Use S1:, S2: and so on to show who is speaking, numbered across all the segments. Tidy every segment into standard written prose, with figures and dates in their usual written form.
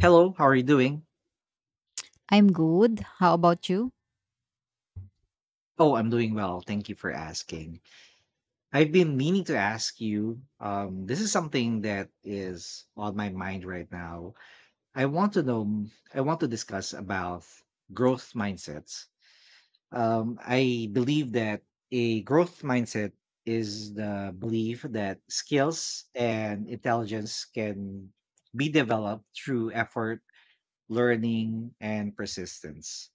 S1: Hello, how are you doing?
S2: I'm good. How about you?
S1: Oh, I'm doing well. Thank you for asking. I've been meaning to ask you. This is something that is on my mind right now. I want to I want to discuss about growth mindsets. I believe that a growth mindset is the belief that skills and intelligence can be developed through effort, learning, and persistence.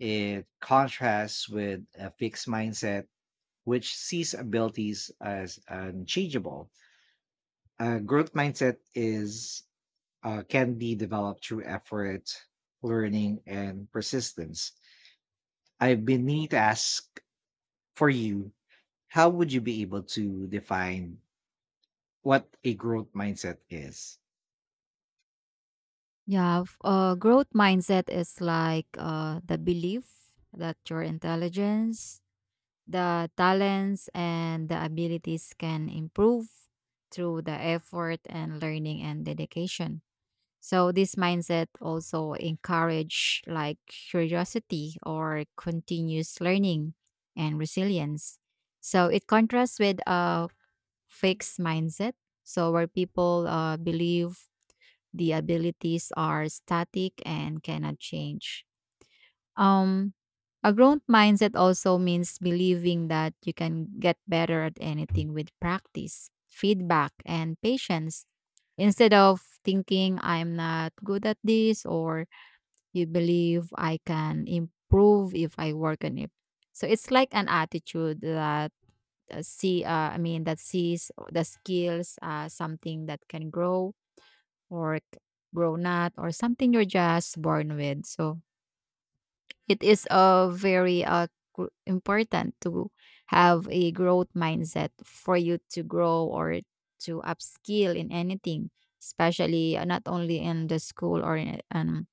S1: It contrasts with a fixed mindset, which sees abilities as unchangeable. A growth mindset is can be developed through effort, learning, and persistence. I've been meaning to ask for you: how would you be able to define what a growth mindset is?
S2: Yeah, growth mindset is like the belief that your intelligence, the talents, and the abilities can improve through the effort and learning and dedication. So this mindset also encourage like curiosity or continuous learning and resilience. So it contrasts with a fixed mindset. So where people believe the abilities are static and cannot change. Um, a growth mindset also means believing that you can get better at anything with practice, feedback, and patience. Instead of thinking I'm not good at this, or you believe I can improve if I work on it. So it's like an attitude that see I mean that sees the skills as something that can grow work, grown up, or something you're just born with. So it is a very important to have a growth mindset for you to grow or to upskill in anything, especially not only in the school or in,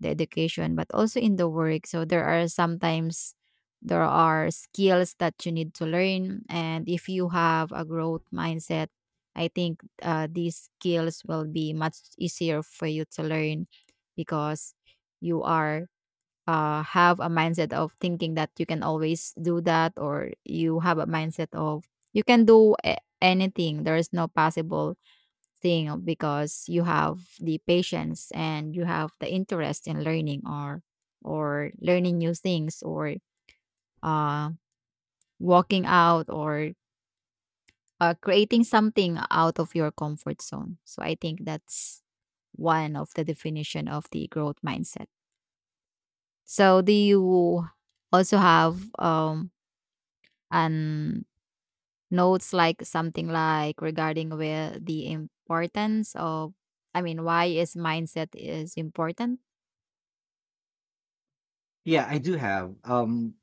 S2: the education, but also in the work. So there are sometimes there are skills that you need to learn, and if you have a growth mindset, I think these skills will be much easier for you to learn because you are have a mindset of thinking that you can always do that, or you have a mindset of you can do anything. There is no possible thing because you have the patience and you have the interest in learning or learning new things or uh walking out or creating something out of your comfort zone. So I think that's one of the definition of the growth mindset. So do you also have an notes like something like regarding where the importance of, I mean, why is mindset is important?
S1: Yeah, I do have.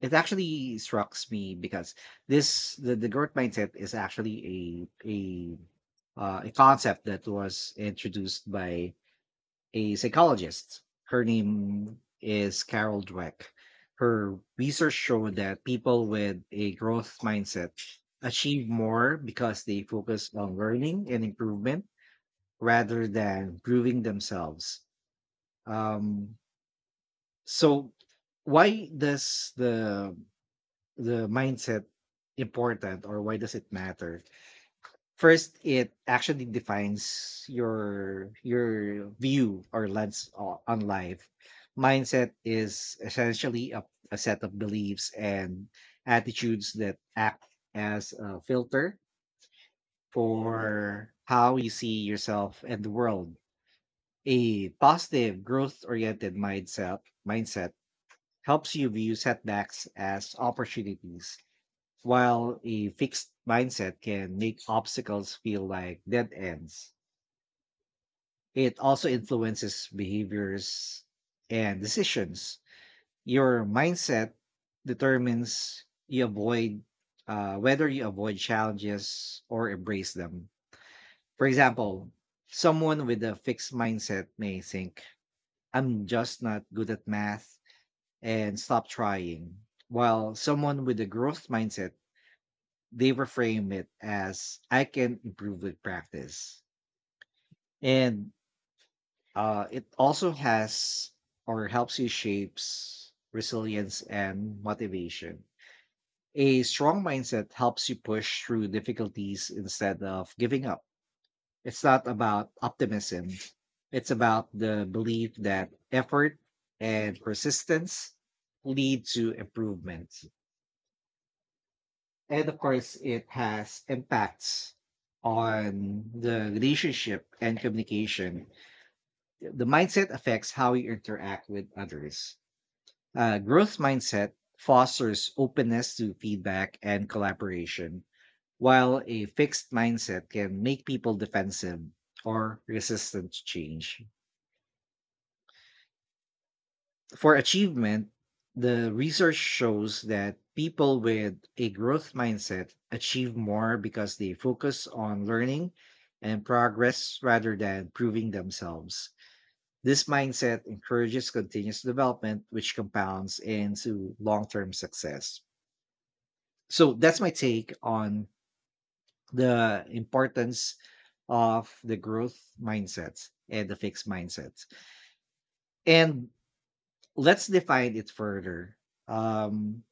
S1: It actually strikes me because the growth mindset is actually a concept that was introduced by a psychologist. Her name is Carol Dweck. Her research showed that people with a growth mindset achieve more because they focus on learning and improvement rather than proving themselves. Um, so why does the mindset important, or why does it matter? First, it actually defines your view or lens on life. Mindset is essentially a set of beliefs and attitudes that act as a filter for how you see yourself and the world. A positive, growth-oriented mindset helps you view setbacks as opportunities, while a fixed mindset can make obstacles feel like dead ends. It also influences behaviors and decisions. Your mindset determines you avoid whether you avoid challenges or embrace them. For example, someone with a fixed mindset may think, I'm just not good at math and stop trying. While someone with a growth mindset, they reframe it as I can improve with practice. And It also has or helps you shapes resilience and motivation. A strong mindset helps you push through difficulties instead of giving up. It's not about optimism. It's about the belief that effort and persistence lead to improvement. And of course, it has impacts on the relationship and communication. The mindset affects how you interact with others. Growth mindset fosters openness to feedback and collaboration, while a fixed mindset can make people defensive or resistant to change. For achievement, the research shows that people with a growth mindset achieve more because they focus on learning and progress rather than proving themselves. This mindset encourages continuous development, which compounds into long term success. So, that's my take on the importance of the growth mindset and the fixed mindset. And let's define it further. Um,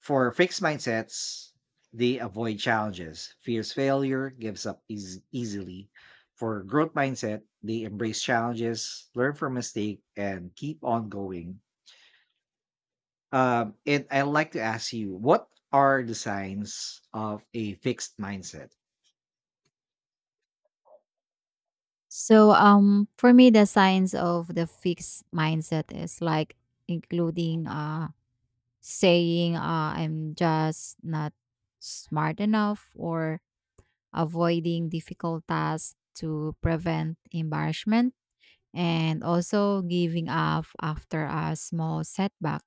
S1: For fixed mindsets, they avoid challenges, fears failure, gives up easily. For growth mindset, they embrace challenges, learn from mistake, and keep on going. And I'd like to ask you, what are the signs of a fixed mindset?
S2: So for me, the signs of the fixed mindset is like, including saying, I'm just not smart enough, or avoiding difficult tasks to prevent embarrassment, and also giving up after a small setback,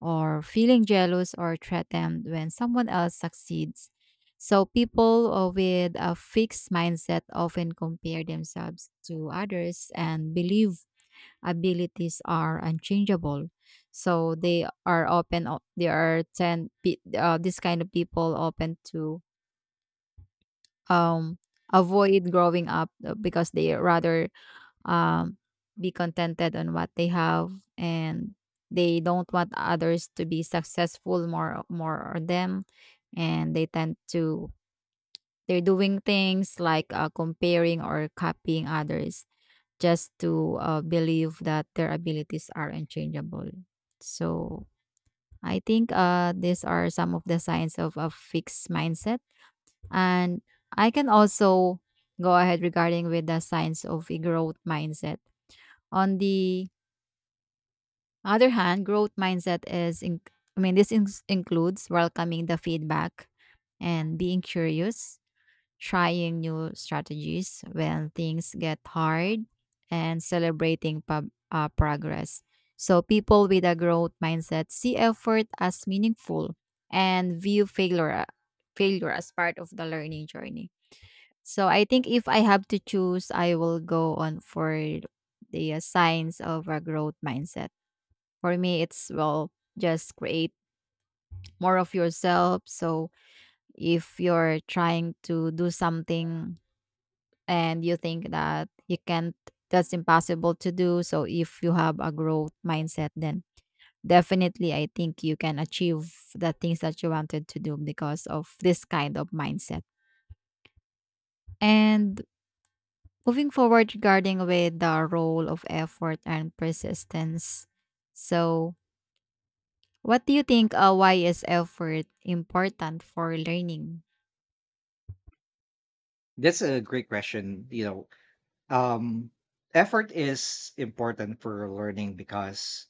S2: or feeling jealous or threatened when someone else succeeds. So people with a fixed mindset often compare themselves to others and believe abilities are unchangeable. So they are tend pe- this kind of people open to um avoid growing up because they rather um, be contented on what they have, and they don't want others to be successful more on them. And they tend to they're doing things like comparing or copying others, just to believe that their abilities are unchangeable. So I think, these are some of the signs of a fixed mindset. And I can also go ahead regarding with the signs of a growth mindset. On the other hand, growth mindset is, I mean, this includes welcoming the feedback and being curious, trying new strategies when things get hard, and celebrating progress. So people with a growth mindset see effort as meaningful and view failure as part of the learning journey. So I think if I have to choose, I will go on for the signs of a growth mindset. For me, it's, well, just create more of yourself. So if you're trying to do something and you think that you can't, that's impossible to do. So if you have a growth mindset, then definitely I think you can achieve the things that you wanted to do because of this kind of mindset. And moving forward regarding with the role of effort and persistence. So what do you think, why is effort important for learning?
S1: That's a great question. You know, um, effort is important for learning because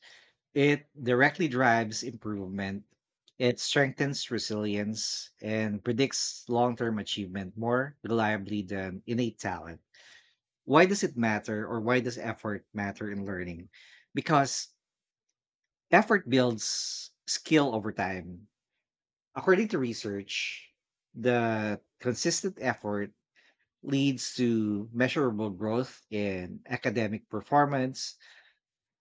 S1: it directly drives improvement. It strengthens resilience and predicts long term achievement more reliably than innate talent. Why does it matter, or why does effort matter in learning? Because effort builds skill over time. According to research, the consistent effort leads to measurable growth in academic performance.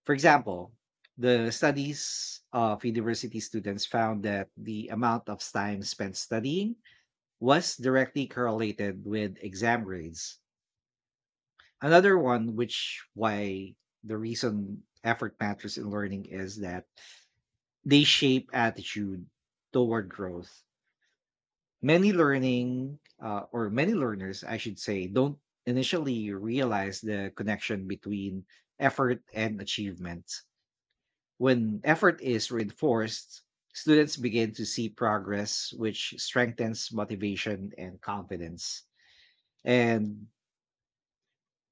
S1: For example, the studies of university students found that the amount of time spent studying was directly correlated with exam grades. Another one, which why the reason effort matters in learning is that they shape attitude toward growth. Many or many learners, I should say, don't initially realize the connection between effort and achievement. When effort is reinforced, students begin to see progress, which strengthens motivation and confidence. And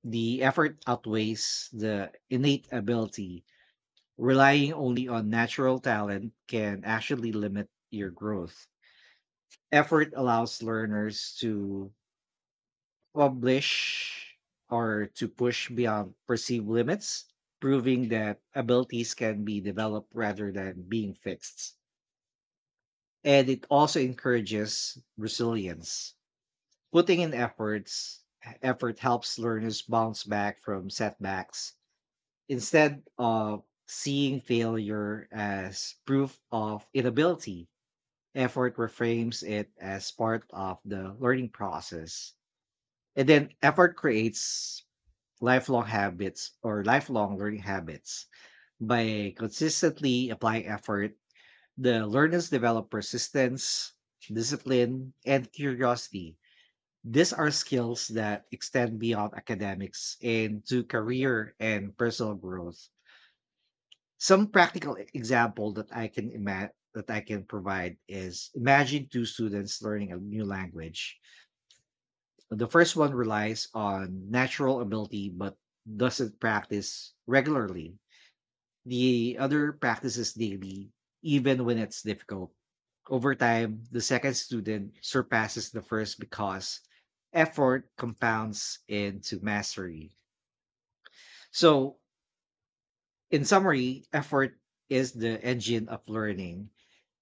S1: the effort outweighs the innate ability. Relying only on natural talent can actually limit your growth. Effort allows learners to publish or to push beyond perceived limits, proving that abilities can be developed rather than being fixed. And it also encourages resilience. Putting in effort helps learners bounce back from setbacks instead of seeing failure as proof of inability. Effort reframes it as part of the learning process. And then effort creates lifelong habits or lifelong learning habits. By consistently applying effort, the learners develop persistence, discipline, and curiosity. These are skills that extend beyond academics into career and personal growth. Some practical example that I can imagine that I can provide is imagine two students learning a new language. The first one relies on natural ability but doesn't practice regularly. The other practices daily, even when it's difficult. Over time, the second student surpasses the first because effort compounds into mastery. So, in summary, effort is the engine of learning.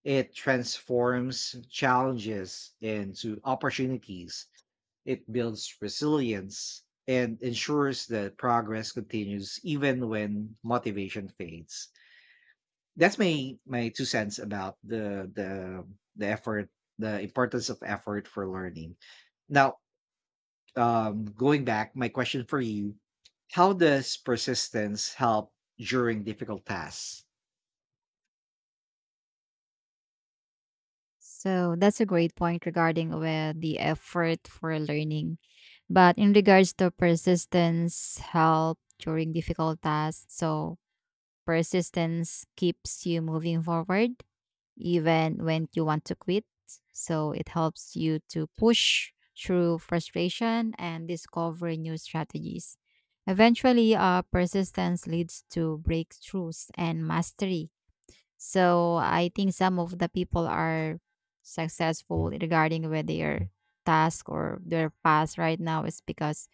S1: It transforms challenges into opportunities. It builds resilience and ensures that progress continues even when motivation fades. That's my two cents about the effort, the importance of effort for learning. Now, going back my question for you: how does persistence help during difficult tasks?
S2: So that's a great point regarding where the effort for learning. But in regards to persistence, help during difficult tasks. So persistence keeps you moving forward even when you want to quit. So it helps you to push through frustration and discover new strategies. Eventually, persistence leads to breakthroughs and mastery. So I think some of the people are successful regarding with their task or their path right now is because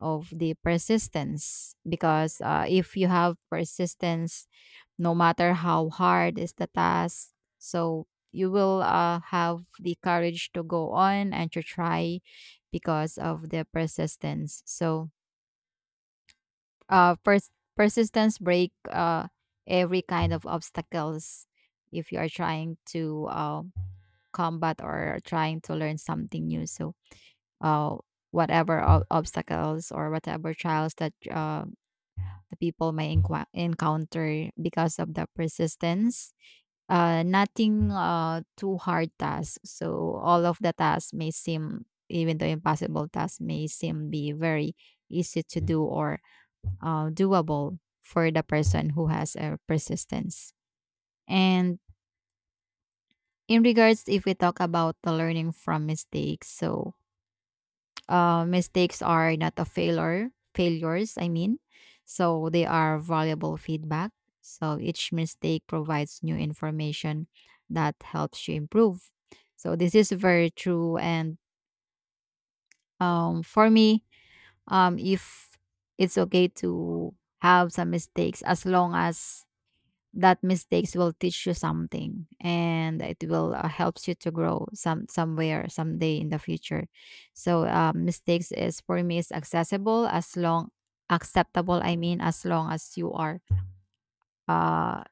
S2: of the persistence. Because if you have persistence no matter how hard is the task. So you will have the courage to go on and to try because of the persistence. So uh, pers- persistence break every kind of obstacles if you are trying to combat or trying to learn something new. So uh, whatever obstacles or whatever trials that the people may encounter because of the persistence. Nothing too hard tasks. So all of the tasks may seem, even the impossible tasks may seem be very easy to do or doable for the person who has a persistence. And in regards, if we talk about the learning from mistakes, so mistakes are not a failure, failures, I mean. So they are valuable feedback. So each mistake provides new information that helps you improve. So this is very true. And for me, if it's okay to have some mistakes as long as that mistakes will teach you something, and it will helps you to grow some somewhere someday in the future. So mistakes is for me is accessible as long, acceptable, I mean, as long as you are uh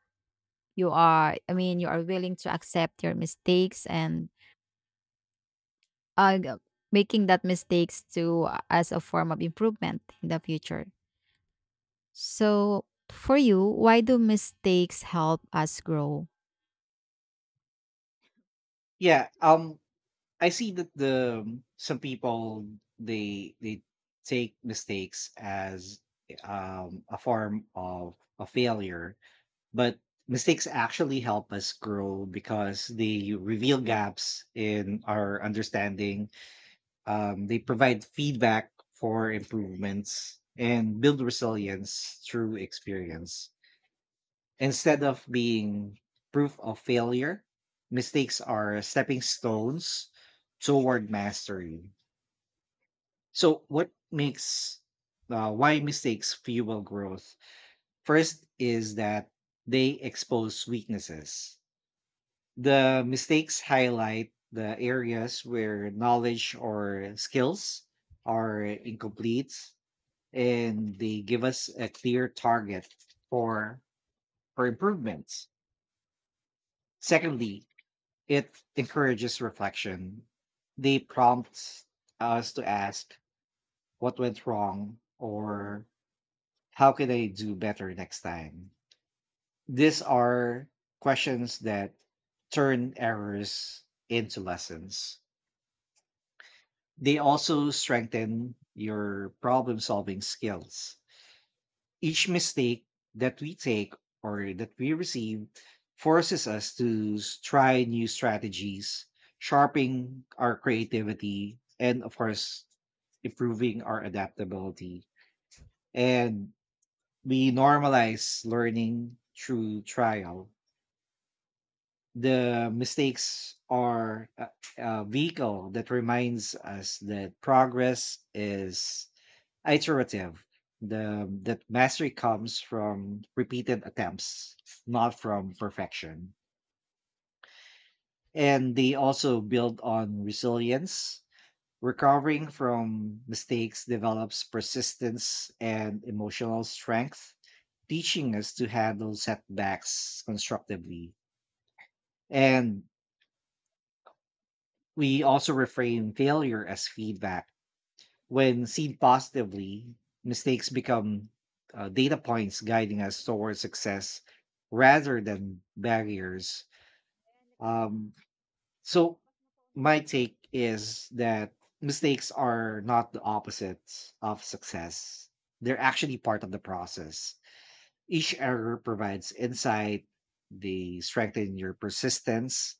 S2: you are, I mean, you are willing to accept your mistakes and uh, g- making that mistakes to as a form of improvement in the future. So for you, why do mistakes help us grow?
S1: yeah um I see that the some people they take mistakes as a form of a failure. But mistakes actually help us grow because they reveal gaps in our understanding. They provide feedback for improvements and build resilience through experience. Instead of being proof of failure, mistakes are stepping stones toward mastery. So, what makes why mistakes fuel growth? First is that they expose weaknesses. The mistakes highlight the areas where knowledge or skills are incomplete, and they give us a clear target for for improvements. Secondly, it encourages reflection. They prompt us to ask what went wrong or how can I do better next time? These are questions that turn errors into lessons. They also strengthen your problem solving skills. Each mistake that we take or that we receive forces us to try new strategies, sharpening our creativity, and of course, improving our adaptability. And we normalize learning through trial. The mistakes are a vehicle that reminds us that progress is iterative, the that mastery comes from repeated attempts, not from perfection. And they also build on resilience. Recovering from mistakes develops persistence and emotional strength, teaching us to handle setbacks constructively. And we also reframe failure as feedback. When seen positively, mistakes become data points guiding us towards success rather than barriers. Um, so, my take is that mistakes are not the opposites of success, they're actually part of the process. Each error provides insight, they strengthen your persistence,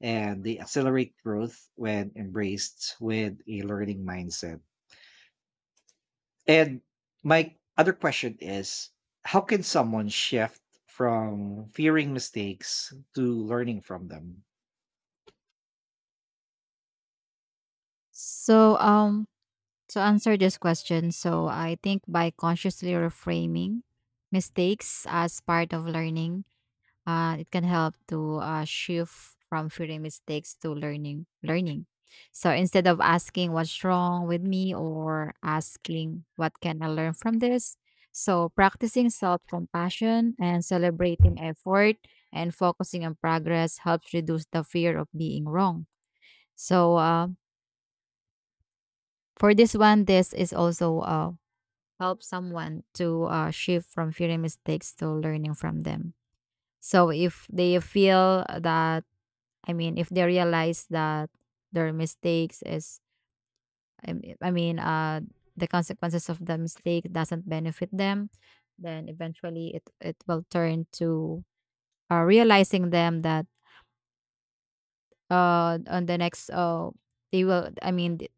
S1: and they accelerate growth when embraced with a learning mindset. And my other question is: how can someone shift from fearing mistakes to learning from them?
S2: So to answer this question, so I think by consciously reframing mistakes as part of learning, it can help to shift from fearing mistakes to learning. So instead of asking what's wrong with me or asking what can I learn from this, so practicing self-compassion and celebrating effort and focusing on progress helps reduce the fear of being wrong. So for this one, this is also help someone to shift from fearing mistakes to learning from them. So if they feel that, I mean, if they realize that their mistakes is, I mean, the consequences of the mistake doesn't benefit them, then eventually it will turn to realizing them that on the next, they will, I mean,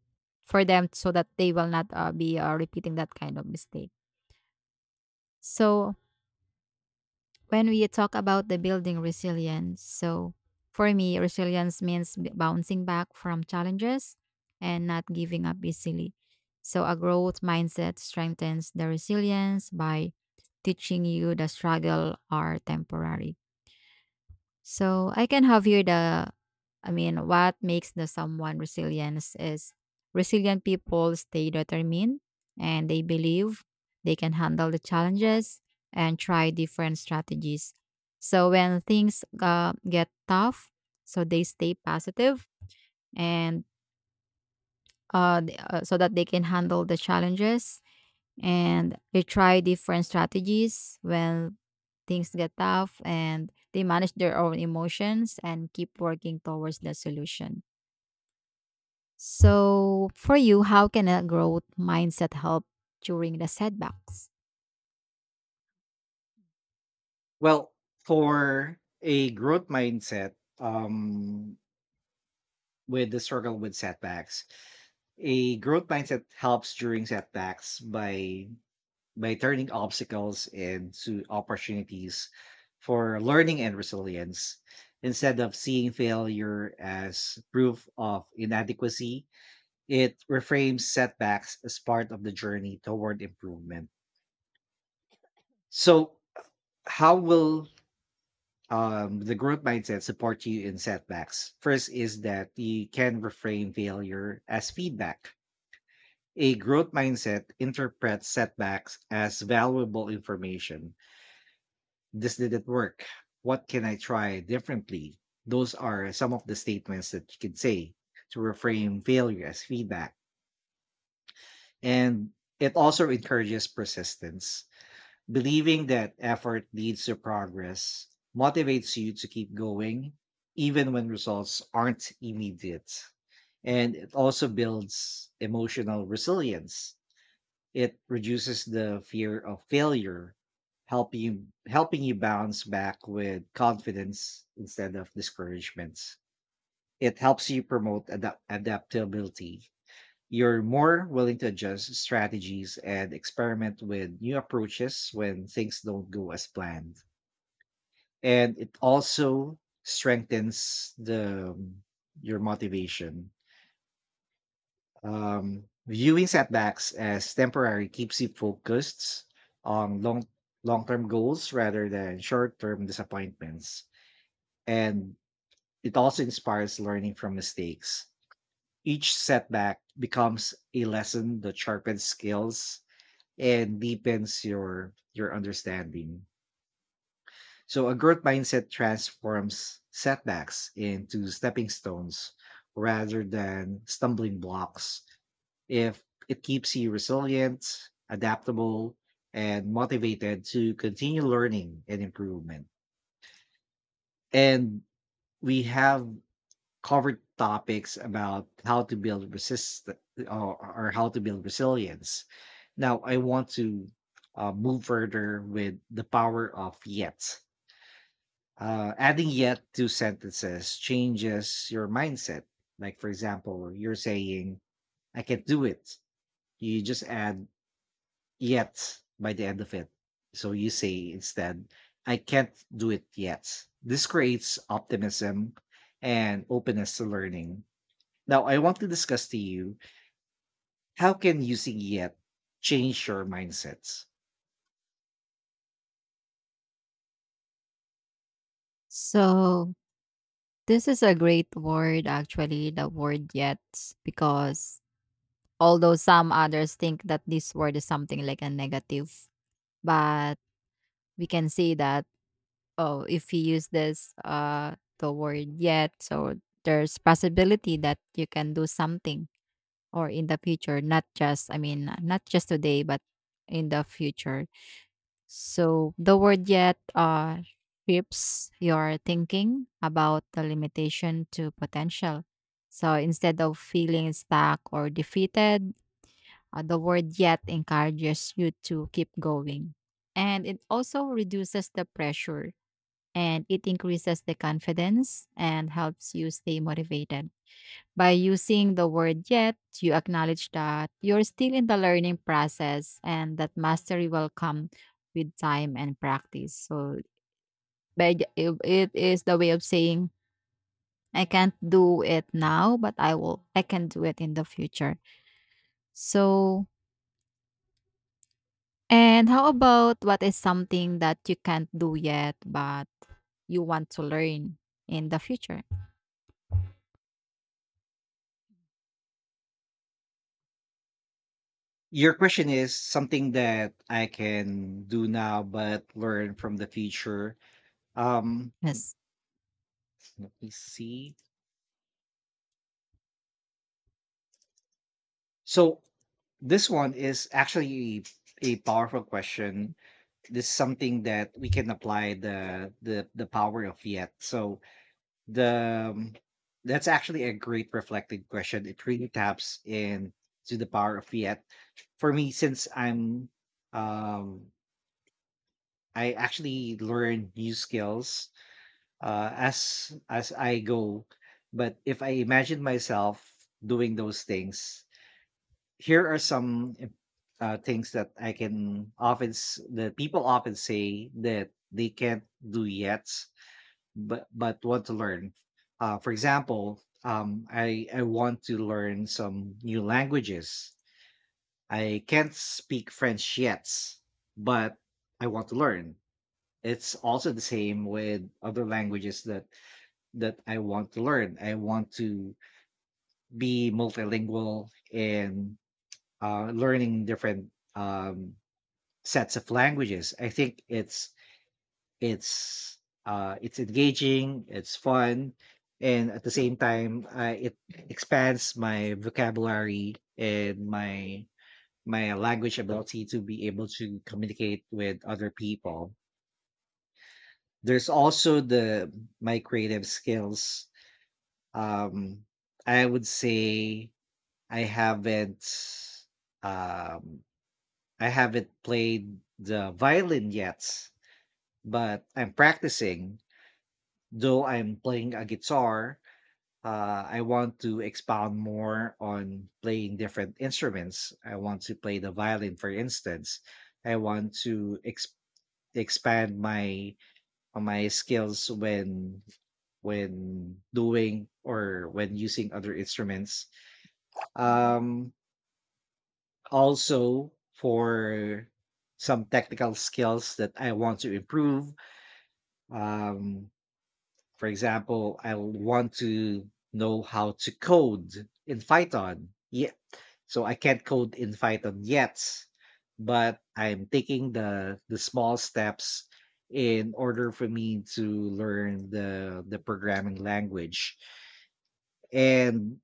S2: for them so that they will not be repeating that kind of mistake. So when we talk about the building resilience, so for me, resilience means bouncing back from challenges and not giving up easily. So a growth mindset strengthens the resilience by teaching you the struggle are temporary. So I can have here the, I mean, what makes the someone resilience is resilient people stay determined, and they believe they can handle the challenges and try different strategies. So when things get tough, so they stay positive and so that they can handle the challenges, and they try different strategies when things get tough, and they manage their own emotions and keep working towards the solution. So, for you, how can a growth mindset help during the setbacks?
S1: Well, for a growth mindset, with the struggle with setbacks, a growth mindset helps during setbacks by turning obstacles into opportunities for learning and resilience. Instead of seeing failure as proof of inadequacy, it reframes setbacks as part of the journey toward improvement. So, how will the growth mindset support you in setbacks? First, is that you can reframe failure as feedback. A growth mindset interprets setbacks as valuable information. This didn't work. What can I try differently? Those are some of the statements that you can say to reframe failure as feedback. And it also encourages persistence. Believing that effort leads to progress motivates you to keep going, even when results aren't immediate. And it also builds emotional resilience. It reduces the fear of failure, helping you bounce back with confidence instead of discouragements. It helps you promote adaptability. You're more willing to adjust strategies and experiment with new approaches when things don't go as planned. And it also strengthens the your motivation. Viewing setbacks as temporary keeps you focused on long-term goals rather than short-term disappointments. And it also inspires learning from mistakes. Each setback becomes a lesson that sharpens skills and deepens your understanding. So a growth mindset transforms setbacks into stepping stones rather than stumbling blocks. If it keeps you resilient, adaptable, and motivated to continue learning and improvement. And we have covered topics about how to build resist or how to build resilience. Now I want to move further with the power of yet. Adding yet to sentences changes your mindset. Like, for example, you're saying, I can do it. You just add yet by the end of it. So you say instead, I can't do it yet. This creates optimism and openness to learning. Now, I want to discuss to you, how can using yet change your mindsets?
S2: So, this is a great word actually, the word yet, because although some others think that this word is something like a negative, but we can see that, oh, if you use this the word yet, so there's possibility that you can do something, or in the future, not just, I mean, not just today, but in the future. So the word yet shifts your thinking about the limitation to potential. So instead of feeling stuck or defeated, the word yet encourages you to keep going. And it also reduces the pressure, and it increases the confidence and helps you stay motivated. By using the word yet, you acknowledge that you're still in the learning process and that mastery will come with time and practice. So, it is the way of saying, I can't do it now, but I can do it in the future. So, and how about, what is something that you can't do yet, but you want to learn in the future?
S1: Your question is something that I can do now but learn from the future. um
S2: Yes.
S1: I see. So this one is actually a powerful question. This is something that we can apply the power of yet. So the that's actually a great reflected question. It really taps in to the power of yet. For me, since um I actually learn new skills as I go. But if I imagine myself doing those things, here are some things that I can that people often say that they can't do yet, but want to learn. For example, I want to learn some new languages. I can't speak French yet, but I want to learn. It's also the same with other languages that I want to learn. I want to be multilingual and learning different sets of languages. I think it's it's engaging, it's fun, and at the same time, it expands my vocabulary and my language ability to be able to communicate with other people. There's also the my creative skills. Um, I would say I haven't um, I haven't played the violin yet, but I'm practicing. Though I'm playing a guitar, I want to expound more on playing different instruments. I want to play the violin, for instance. I want to expand my skills when doing or when using other instruments. Um, Also for some technical skills that I want to improve. Um, For example, I want to know how to code in Python. Yeah. So I can't code in Python yet, but I'm taking the small steps in order for me to learn the programming language. And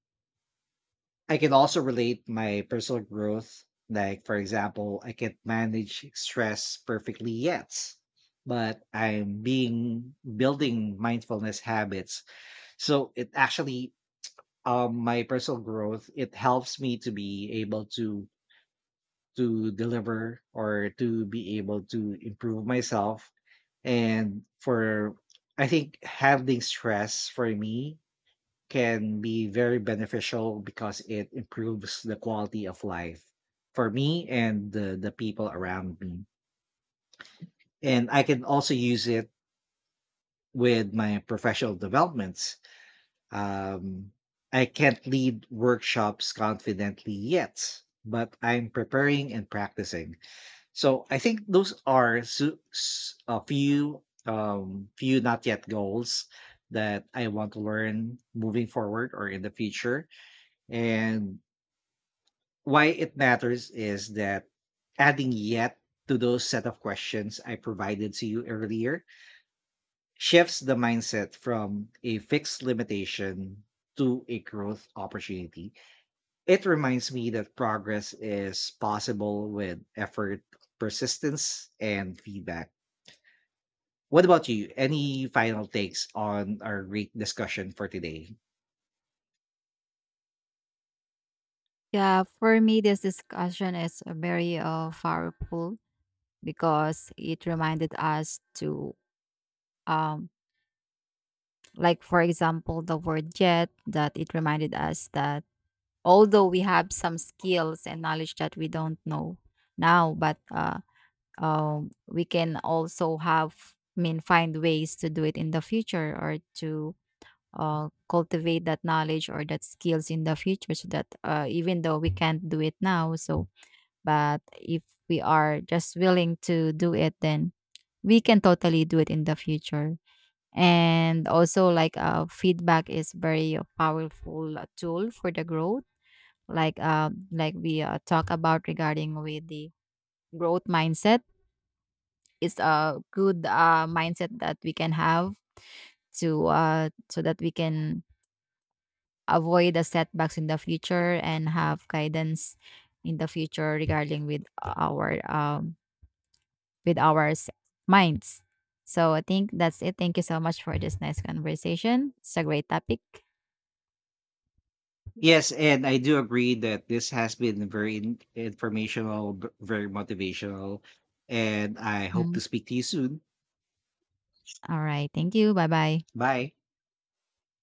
S1: I can also relate my personal growth. Like for example, I can't manage stress perfectly yet, but I'm being building mindfulness habits, so it actually my personal growth, it helps me to be able to deliver or to be able to improve myself. And for I think handling stress for me can be very beneficial because it improves the quality of life for me and the people around me. And I can also use it with my professional developments. Um, I can't lead workshops confidently yet, but I'm preparing and practicing. So I think those are a few few not yet goals that I want to learn moving forward or in the future. And why it matters is that adding yet to those set of questions I provided to you earlier shifts the mindset from a fixed limitation to a growth opportunity. It reminds me that progress is possible with effort, persistence, and feedback. What about you? Any final takes on our great discussion for today?
S2: Yeah, for me, this discussion is very powerful, because it reminded us to, um, like, for example, the word yet, that it reminded us that although we have some skills and knowledge that we don't know now, but we can also have, I mean, find ways to do it in the future or to cultivate that knowledge or that skills in the future so that even though we can't do it now, so but if we are just willing to do it then we can totally do it in the future. And also like feedback is very powerful tool for the growth, like we talk about regarding with the growth mindset. It's a good mindset that we can have to so that we can avoid the setbacks in the future and have guidance in the future regarding with our minds. So I think that's it. Thank you so much for this nice conversation. It's a great topic.
S1: Yes, and I do agree that this has been very informational, very motivational, and I hope
S2: Mhm.
S1: to speak to you soon.
S2: All right. Thank you. Bye bye.
S1: Bye.